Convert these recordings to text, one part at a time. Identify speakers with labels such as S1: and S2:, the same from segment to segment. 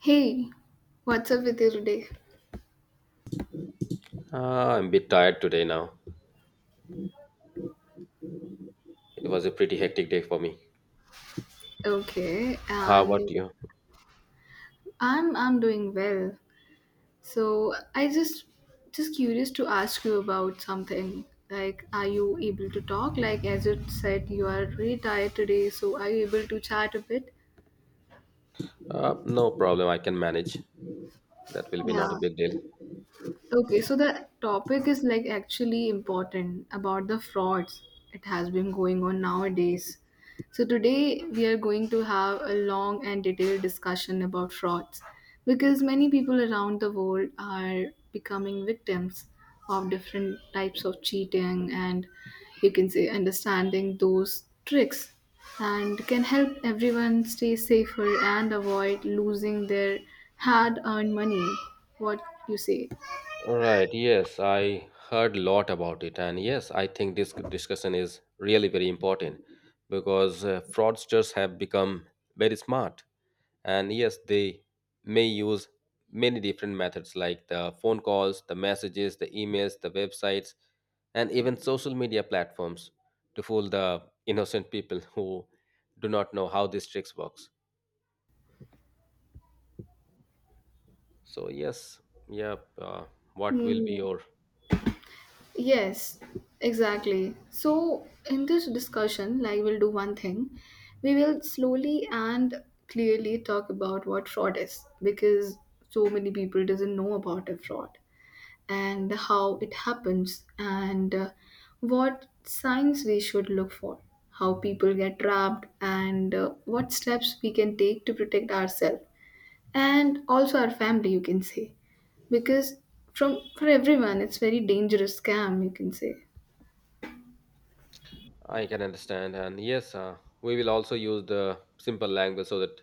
S1: Hey, what's up with you today?
S2: I'm a bit tired today now. It was a pretty hectic day for me.
S1: Okay,
S2: How about
S1: and
S2: you?
S1: I'm doing well. So I just curious to ask you about something. Like, are you able to talk? Like, as you said, you are really tired today, so are you able to chat a bit?
S2: No problem, I can manage. That will be not a
S1: Yeah.
S2: big deal.
S1: Okay, so the topic is like actually important about the frauds it has been going on nowadays. So today we are going to have a long and detailed discussion about frauds because many people around the world are becoming victims of different types of cheating and you can say understanding those tricks and can help everyone stay safer and avoid losing their hard earned money. What you say?
S2: Right, yes, I heard a lot about it, and yes, I think this discussion is really very important because fraudsters have become very smart, and yes, they may use many different methods like the phone calls, the messages, the emails, the websites, and even social media platforms to fool the innocent people who do not know how these tricks works. So yes, yeah, uh, what will be
S1: Hmm.
S2: your
S1: Yes, exactly. So, in this discussion, like we'll do one thing. We will slowly and clearly talk about what fraud is because so many people doesn't know about a fraud and how it happens and what signs we should look for, how people get trapped and what steps we can take to protect ourselves and also our family you can say because from for everyone it's very dangerous scam you can say.
S2: I can understand. And yes, we will also use the simple language so that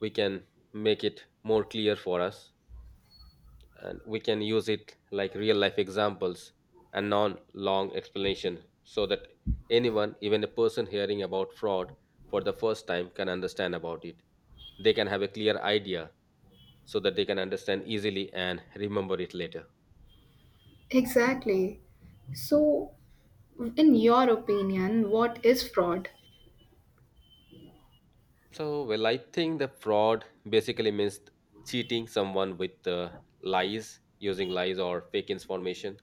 S2: we can make it more clear for us and we can use it like real life examples and non long explanation so that anyone, even a person hearing about fraud for the first time, can understand about it. They can have a clear idea so that they can understand easily and remember it later.
S1: Exactly. So in your opinion what is fraud?
S2: So, well, I think the fraud basically means cheating someone with lies, using lies or fake information.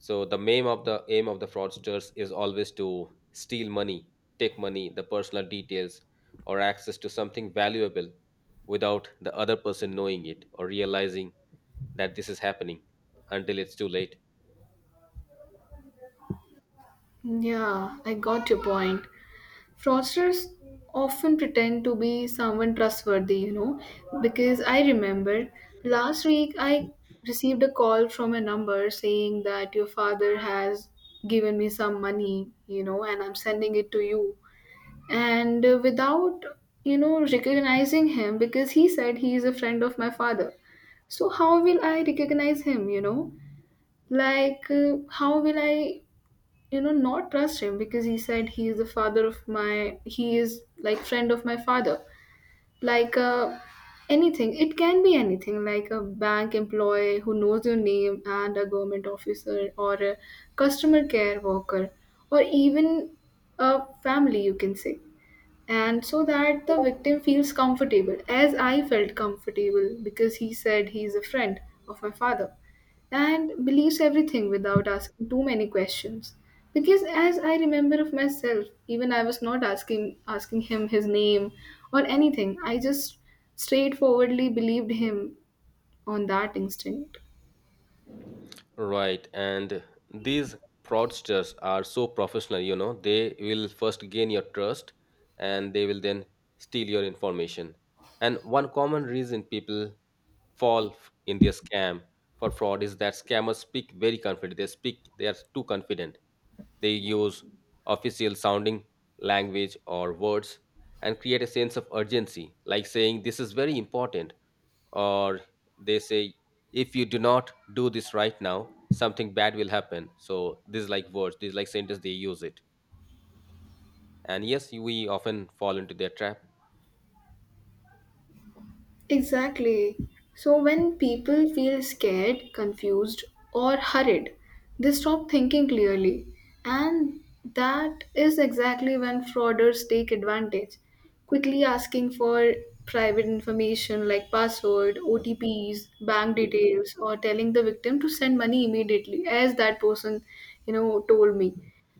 S2: So, the aim of the fraudsters is always to steal money, take money, the personal details, or access to something valuable without the other person knowing it or realizing that this is happening until it's too late.
S1: Yeah, I got your point. Fraudsters often pretend to be someone trustworthy, you know, because I remember last week I received a call from a number saying that your father has given me some money, you know, and I'm sending it to you, and without, you know, recognizing him because he said he is a friend of my father. So how will I recognize him, you know, like how will I, you know, not trust him because he said he is the father of my he is like friend of my father. Like anything, it can be anything like a bank employee who knows your name and a government officer or a customer care worker or even a family you can say. And so that the victim feels comfortable as I felt comfortable because he said he's a friend of my father and believes everything without asking too many questions. Because as I remember of myself, even I was not asking him his name or anything, I just straightforwardly believed him on that instinct.
S2: Right, and these fraudsters are so professional, you know, they will first gain your trust and they will then steal your information. And one common reason people fall in their scam for fraud is that scammers speak very confident. They speak, they are too confident. They use official sounding language or words and create a sense of urgency, like saying, this is very important, or they say if you do not do this right now, something bad will happen. So this is like words, this is like sentence they use it. And yes, we often fall into their trap.
S1: Exactly. So when people feel scared, confused, or hurried, they stop thinking clearly. And that is exactly when frauders take advantage, quickly asking for private information like password, OTPs, bank details, or telling the victim to send money immediately, as that person, you know, told me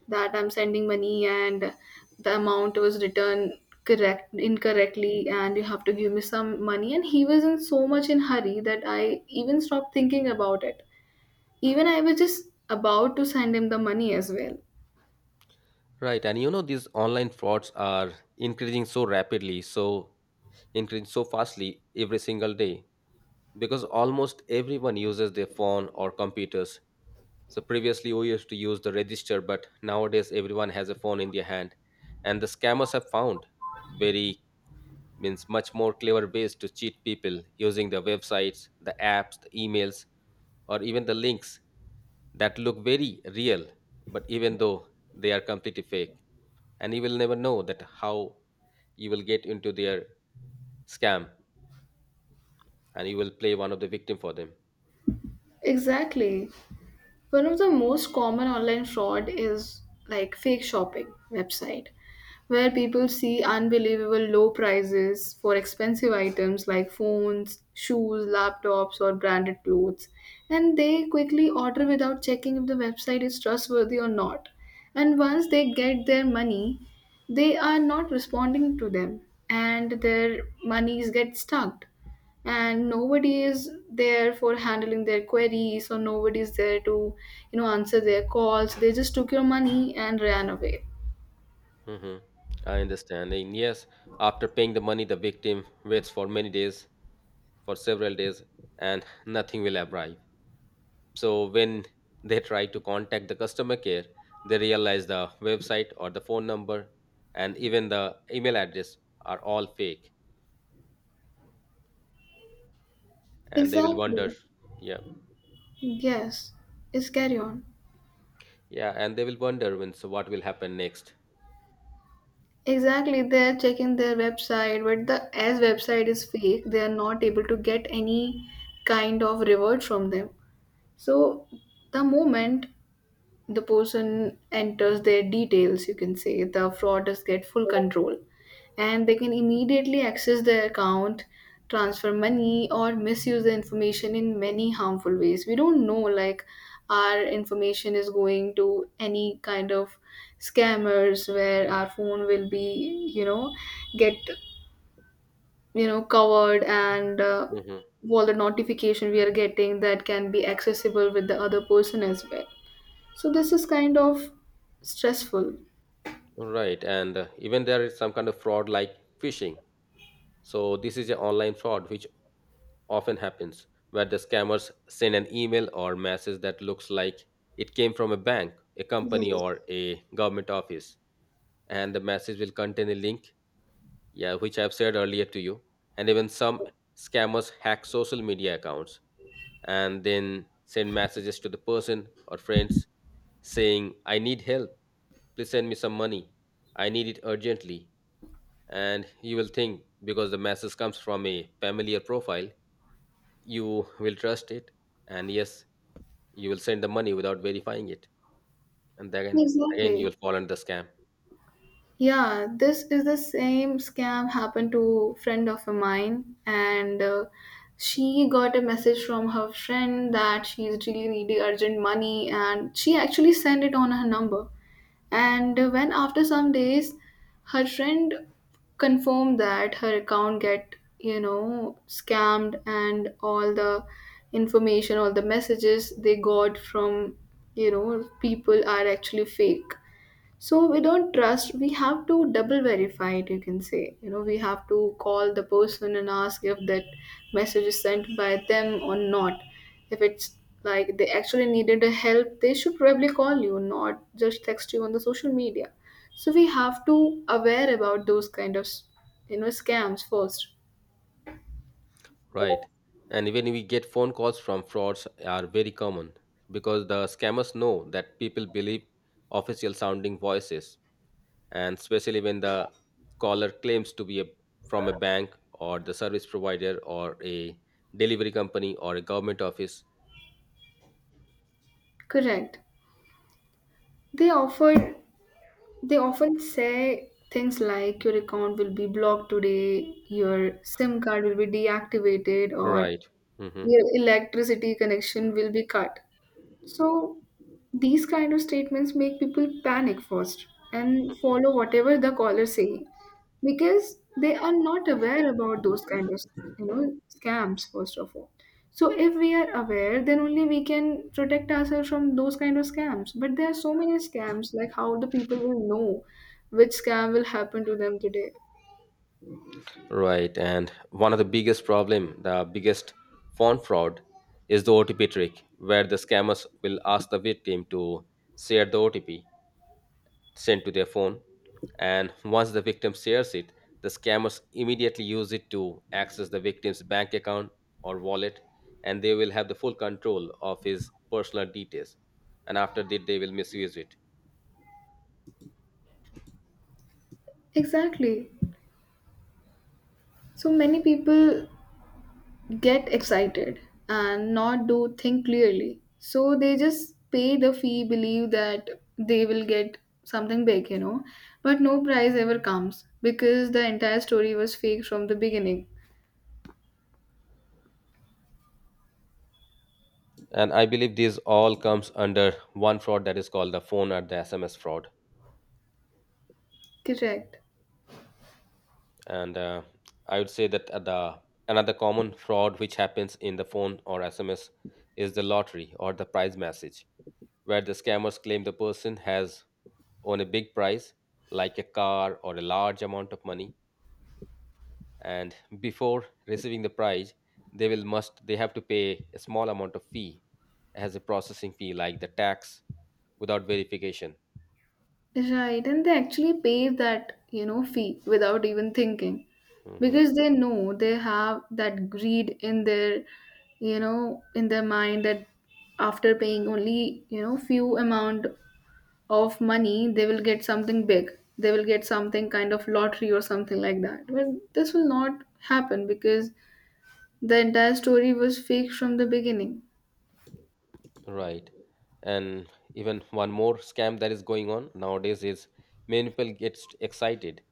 S1: that I'm sending money and the amount was returned correct incorrectly and you have to give me some money and he was in so much in hurry that I even stopped thinking about it. Even I was just about to send him the money as well.
S2: Right, and you know these online frauds are increasing so rapidly, so increasing so fastly every single day because almost everyone uses their phone or computers. So previously we used to use the register, but nowadays everyone has a phone in their hand and the scammers have found very means much more clever ways to cheat people using the websites, the apps, the emails, or even the links that look very real, but even though they are completely fake. And you will never know that how you will get into their scam and you will play one of the victim for them.
S1: Exactly. One of the most common online fraud is like fake shopping website where people see unbelievable low prices for expensive items like phones, shoes, laptops or branded clothes and they quickly order without checking if the website is trustworthy or not. And once they get their money, they are not responding to them and their monies get stuck and nobody is there for handling their queries or nobody is there to, you know, answer their calls. They just took your money and ran away.
S2: Hmm, I understand. And yes, after paying the money, the victim waits for many days, for several days, and nothing will arrive. So when they try to contact the customer care, they realize the website or the phone number and even the email address are all fake and they will
S1: Exactly.
S2: wonder. Yeah.
S1: Yes, it's carry on.
S2: Yeah, and they will wonder when, so what will happen next?
S1: Exactly, they're checking their website but the as website is fake they are not able to get any kind of reward from them. So the moment the person enters their details you can say the fraudsters get full control and they can immediately access their account, transfer money or misuse the information in many harmful ways we don't know, like our information is going to any kind of scammers where our phone will be, you know, get, you know, covered and
S2: Mm-hmm.
S1: all the notification we are getting that can be accessible with the other person as well. So this is kind of stressful.
S2: Right, and even there is some kind of fraud like phishing. So this is an online fraud which often happens where the scammers send an email or message that looks like it came from a bank, a company
S1: Yes.
S2: or a government office and the message will contain a link, yeah, which I've said earlier to you. And even some scammers hack social media accounts and then send messages to the person or friends saying I need help, please send me some money, I need it urgently. And you will think, because the message comes from a familiar profile, you will trust it, and yes, you will send the money without verifying it and then again you
S1: Exactly.
S2: will fall under the scam.
S1: Yeah, this is the same scam happened to friend of mine and she got a message from her friend that she's really needing urgent money and she actually sent it on her number. And when after some days, her friend confirmed that her account get, you know, scammed and all the information, all the messages they got from, you know, people are actually fake. So we don't trust, we have to double verify it, you can say. You know, we have to call the person and ask if that message is sent by them or not. If it's like they actually needed a help, they should probably call you, not just text you on the social media. So we have to aware about those kind of, you know, scams first.
S2: Right, and even we get phone calls from frauds are very common because the scammers know that people believe official sounding voices and especially when the caller claims to be a, from a bank or the service provider or a delivery company or a government office.
S1: Correct. They offered they often say things like your account will be blocked today, your SIM card will be deactivated or
S2: Right. Hmm.
S1: your electricity connection will be cut. So these kind of statements make people panic first and follow whatever the caller is saying because they are not aware about those kind of, you know, scams first of all. So if we are aware, then only we can protect ourselves from those kind of scams. But there are so many scams, like how the people will know which scam will happen to them today.
S2: Right, and one of the biggest problem, the biggest phone fraud, is the OTP trick, where the scammers will ask the victim to share the OTP sent to their phone, and once the victim shares it, the scammers immediately use it to access the victim's bank account or wallet, and they will have the full control of his personal details. And after that, they will misuse it.
S1: Exactly. So many people get excited and not do think clearly. So they just pay the fee, believe that they will get something big, you know. But no prize ever comes because the entire story was fake from the beginning.
S2: And I believe this all comes under one fraud that is called the phone or the SMS fraud.
S1: Correct.
S2: And I would say that the another common fraud which happens in the phone or sms is the lottery or the prize message where the scammers claim the person has won a big prize like a car or a large amount of money and before receiving the prize they will must they have to pay a small amount of fee as a processing fee like the tax without verification.
S1: Right. And they actually pay that, you know, fee without even thinking.
S2: Mhm.
S1: Because they know they have that greed in their, you know, in their mind that after paying only, you know, few amount of money they will get something big, they will get something kind of lottery or something like that. Well, this will not happen because the entire story was fake from the beginning.
S2: Right. And even one more scam that is going on nowadays is many people get excited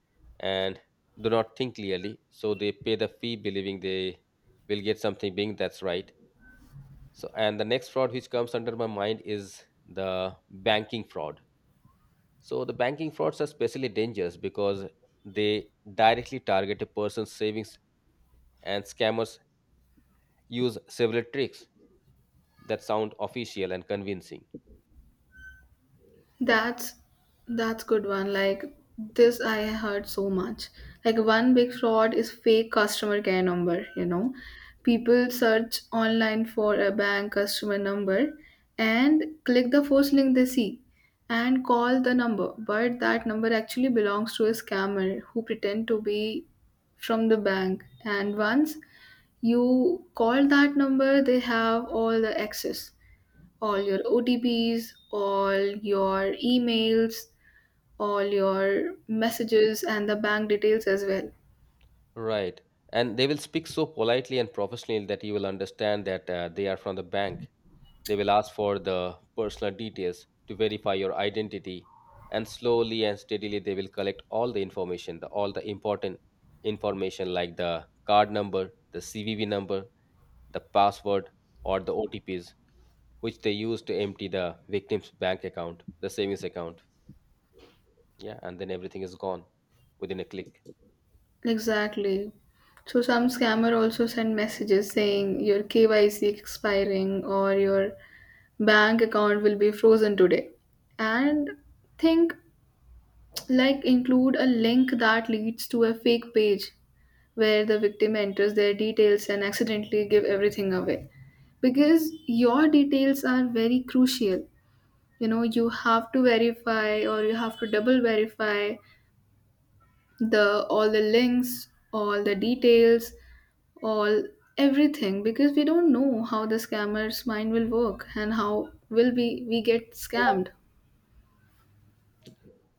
S2: and do not think clearly. So they pay the fee believing they will get something being that's right. So and the next fraud which comes under my mind is the banking fraud. So the banking frauds are especially dangerous because they directly target a person's savings and scammers use several tricks that sound official and convincing.
S1: That's that's good one. Like this I heard so much. Like one big fraud is fake customer care number, you know. People search online for a bank customer number and click the first link they see and call the number, but that number actually belongs to a scammer who pretend to be from the bank and once you call that number they have all the access, all your OTPs, all your emails, all your messages, and the bank details as well.
S2: Right. And they will speak so politely and professionally that you will understand that they are from the bank. They will ask for the personal details to verify your identity. And slowly and steadily, they will collect all the information, the, all the important information like the card number, the CVV number, the password, or the OTPs, which they use to empty the victim's bank account, the savings account. Yeah. And then everything is gone within a click.
S1: Exactly. So some scammer also send messages saying your KYC expiring or your bank account will be frozen today. And think like include a link that leads to a fake page where the victim enters their details and accidentally give everything away because your details are very crucial, you know, you have to verify or you have to double verify the all the links, all the details, all everything because we don't know how the scammer's mind will work and how will we get scammed.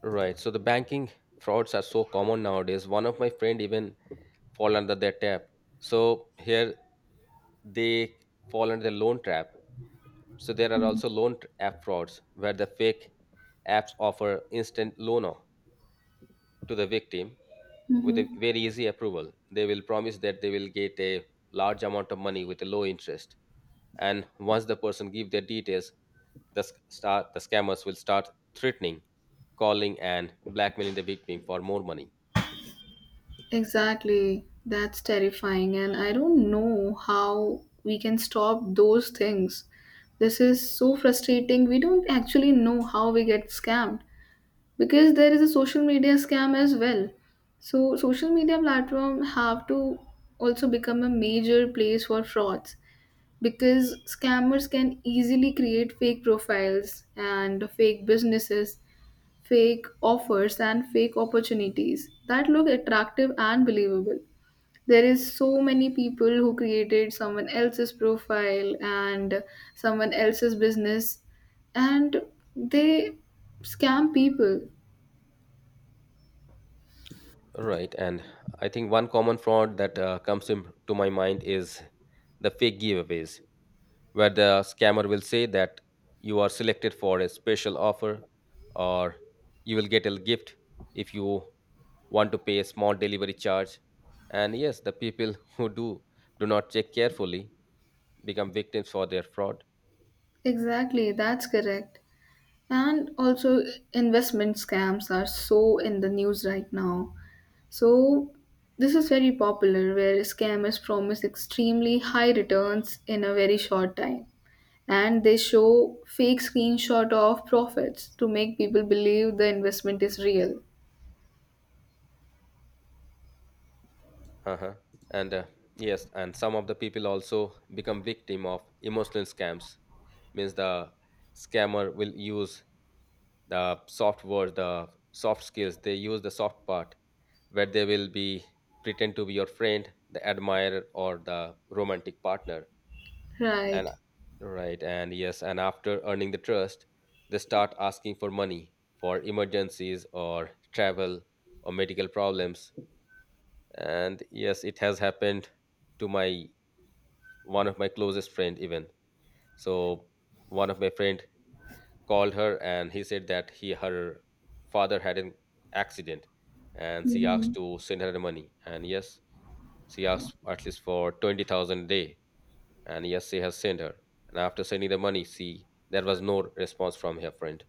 S2: Right. So the banking frauds are so common nowadays. One of my friend even fall under their trap. So here they fall under the loan trap. So there are also loan app frauds where the fake apps offer instant loan to the victim with a
S1: Mm-hmm.
S2: very easy approval. They will promise that they will get a large amount of money with a low interest. And once the person give their details, the scammers will start threatening, calling, and blackmailing the victim for more money.
S1: Exactly. That's terrifying. And I don't know how we can stop those things. This is so frustrating. We don't actually know how we get scammed because there is a social media scam as well. So social media platform have to also become a major place for frauds because scammers can easily create fake profiles and fake businesses, fake offers and fake opportunities that look attractive and believable. There is so many people who created someone else's profile and someone else's business and they scam people.
S2: Right, and I think one common fraud that comes to my mind is the fake giveaways, where the scammer will say that you are selected for a special offer or you will get a gift if you want to pay a small delivery charge. And yes, the people who do not check carefully become victims for their fraud.
S1: Exactly, that's correct. And also investment scams are so in the news right now. So this is very popular where scammers promise extremely high returns in a very short time and they show fake screenshot of profits to make people believe the investment is real.
S2: Uh-huh. And yes, and some of the people also become victim of emotional scams means the scammer will use the soft words, the soft skills. They use the soft part where they will be pretend to be your friend, the admirer, or the romantic partner. And
S1: Right.
S2: right, and yes, and after earning the trust, they start asking for money for emergencies or travel or medical problems. And yes, it has happened to my one of my closest friend even. So one of my friend called her and he said that he her father had an accident and she asked
S1: Mhm.
S2: to send her the money, and yes, she asked at least for 20,000 a day and yes she has sent her and after sending the money she there was no response from her friend.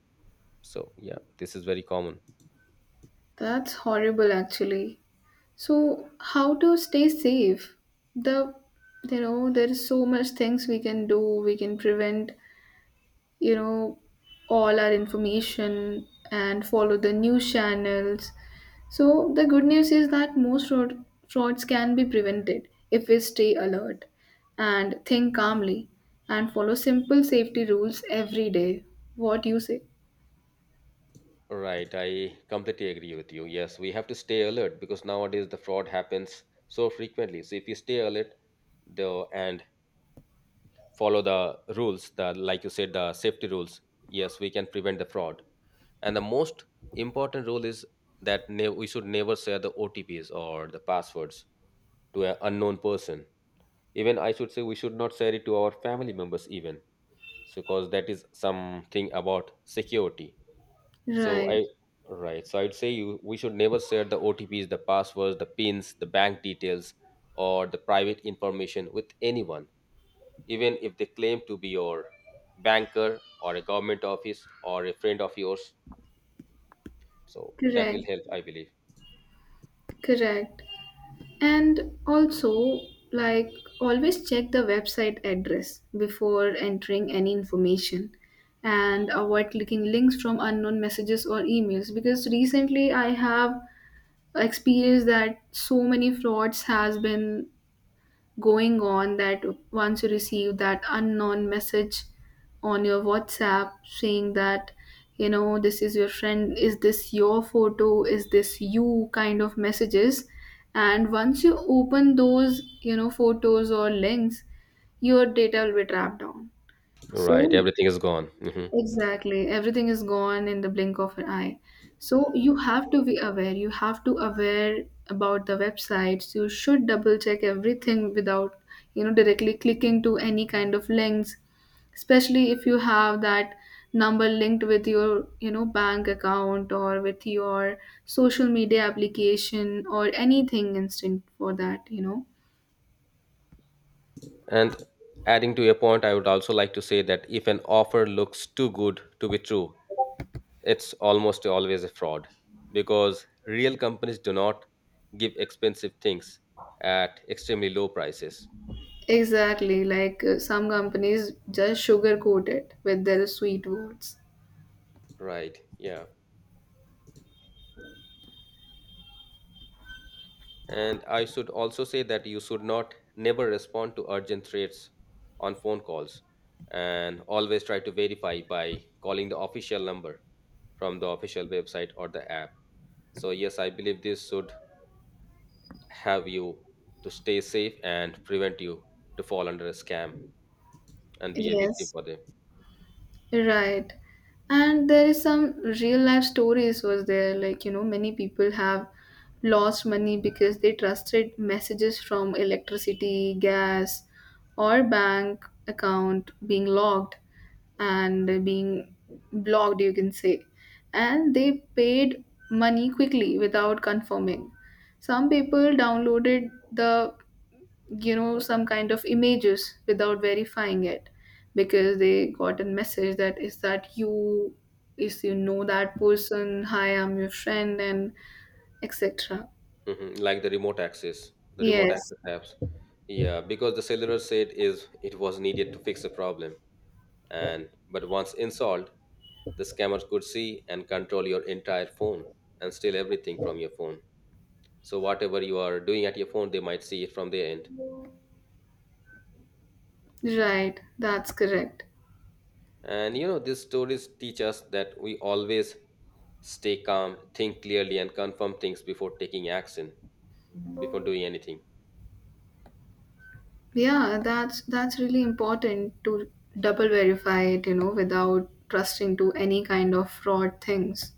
S2: So yeah, this is very common.
S1: That's horrible actually. So how to stay safe? The, you know, there is so much things we can do. We can prevent, you know, all our information and follow the news channels. So the good news is that most fraud, frauds can be prevented if we stay alert and think calmly and follow simple safety rules every day. What you say?
S2: Right, I completely agree with you. Yes, we have to stay alert because nowadays the fraud happens so frequently, so if you stay alert, the and follow the rules, the like you said, the safety rules, yes, we can prevent the fraud. And the most important rule is that we should never share the otps or the passwords to an unknown person. Even I should say we should not share it to our family members even, so because that is something about security. So
S1: Right.
S2: I Right, so I'd say you we should never share the otps, the passwords, the pins, the bank details or the private information with anyone, even if they claim to be your banker or a government office or a friend of yours. So that will
S1: Correct.
S2: help, I believe.
S1: Correct. And also, like, always check the website address before entering any information and avoid clicking links from unknown messages or emails because recently I have experienced that so many frauds has been going on that once you receive that unknown message on your WhatsApp saying that, you know, this is your friend, is this your photo, is this you kind of messages. And once you open those, you know, photos or links, your data will be trapped down.
S2: Right,
S1: So
S2: everything is gone. Hmm.
S1: exactly. Everything is gone in the blink of an eye. So you have to be aware. You have to aware about the websites. You should double check everything without, you know, directly clicking to any kind of links, especially if you have that number linked with your, you know, bank account or with your social media application or anything instant for that, you know.
S2: And adding to your point, I would also like to say that if an offer looks too good to be true, it's almost always a fraud because real companies do not give expensive things at extremely low prices.
S1: Exactly. Like some companies just sugarcoat it with their sweet words.
S2: Right, yeah. And I should also say that you should not never respond to urgent threats on phone calls and always try to verify by calling the official number from the official website or the app. So, yes, I believe this should have you to stay safe and prevent you to fall under a scam and be a victim
S1: Yes,
S2: for them.
S1: right. And there is some real life stories was there like, you know, many people have lost money because they trusted messages from electricity, gas or bank account being logged and being blocked you can say. And they paid money quickly without confirming. Some people downloaded the, you know, some kind of images without verifying it because they got a message that is that you is, you know, that person hi I'm your friend and etc.
S2: Mhm. Like the remote
S1: Yes,
S2: access apps. Yeah, because the cellular said is it was needed to fix the problem, and but once installed, the scammers could see and control your entire phone and steal everything from your phone. So whatever you are doing at your phone, they might see it from their end.
S1: right, that's correct.
S2: And you know, these stories teach us that we always stay calm, think clearly, and confirm things before taking action, before doing anything.
S1: Yeah, that's really important to double verify it, you know, without trusting to any kind of fraud things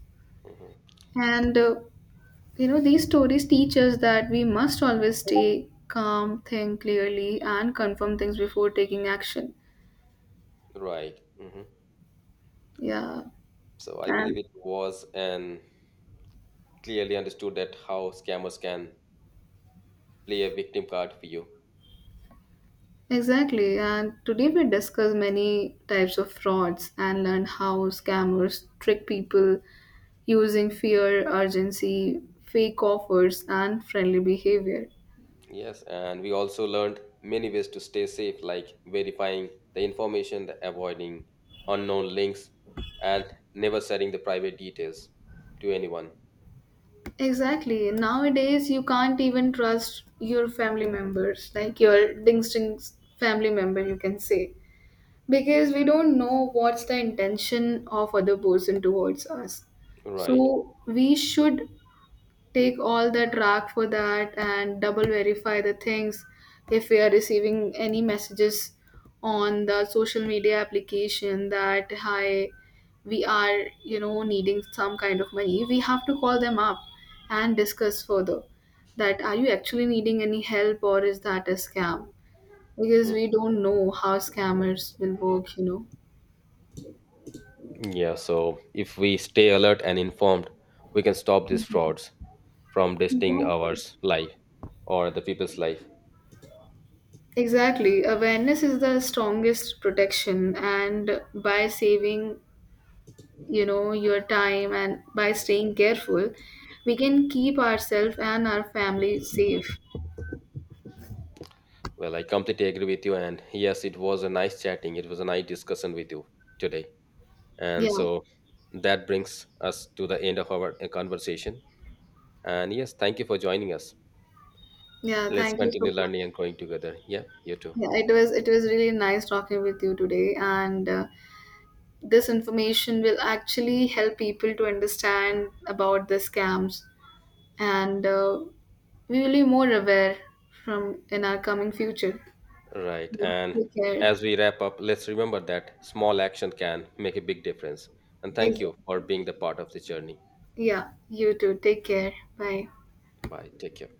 S2: Mhm.
S1: and you know, these stories teach us that we must always stay calm, think clearly, and confirm things before taking action.
S2: Right. Hmm.
S1: Yeah,
S2: So I believe
S1: and
S2: it was and clearly understood that how scammers can play a victim card for you.
S1: exactly. And today we discuss many types of frauds and learn how scammers trick people using fear, urgency, fake offers, and friendly behavior.
S2: Yes, and we also learned many ways to stay safe, like verifying the information, the avoiding unknown links, and never sharing the private details to anyone.
S1: Exactly. Nowadays, you can't even trust your family members, like your distinct family member, you can say. Because we don't know what's the intention of other person towards us, so
S2: Right.
S1: we should take all the track for that and double verify the things if we are receiving any messages on the social media application that hi, we are, you know, needing some kind of money, we have to call them up and discuss further that are you actually needing any help or is that a scam because we don't know how scammers will work, you know.
S2: Yeah, so if we stay alert and informed, we can stop these frauds from wasting
S1: Exactly.
S2: ours life or the people's life.
S1: Exactly. Awareness is the strongest protection, and by saving, you know, your time and by staying careful, we can keep ourselves and our family safe.
S2: Well, I completely agree with you. And yes, it was a nice chatting. It was a nice discussion with you today. And
S1: Yeah.
S2: so that brings us to the end of our conversation. And yes, thank you for joining us.
S1: Yeah,
S2: Let's
S1: thank you
S2: continue
S1: so much.
S2: learning and growing together. Yeah, you too.
S1: Yeah, it was really nice talking with you today, and this information will actually help people to understand about the scams, and we will be more aware from in our coming future.
S2: Right. And
S1: Take care.
S2: as we wrap up, let's remember that small action can make a big difference. And thank you for
S1: Exactly.
S2: being the part of the journey.
S1: Yeah, you too. Take care. Bye.
S2: Bye. Take care.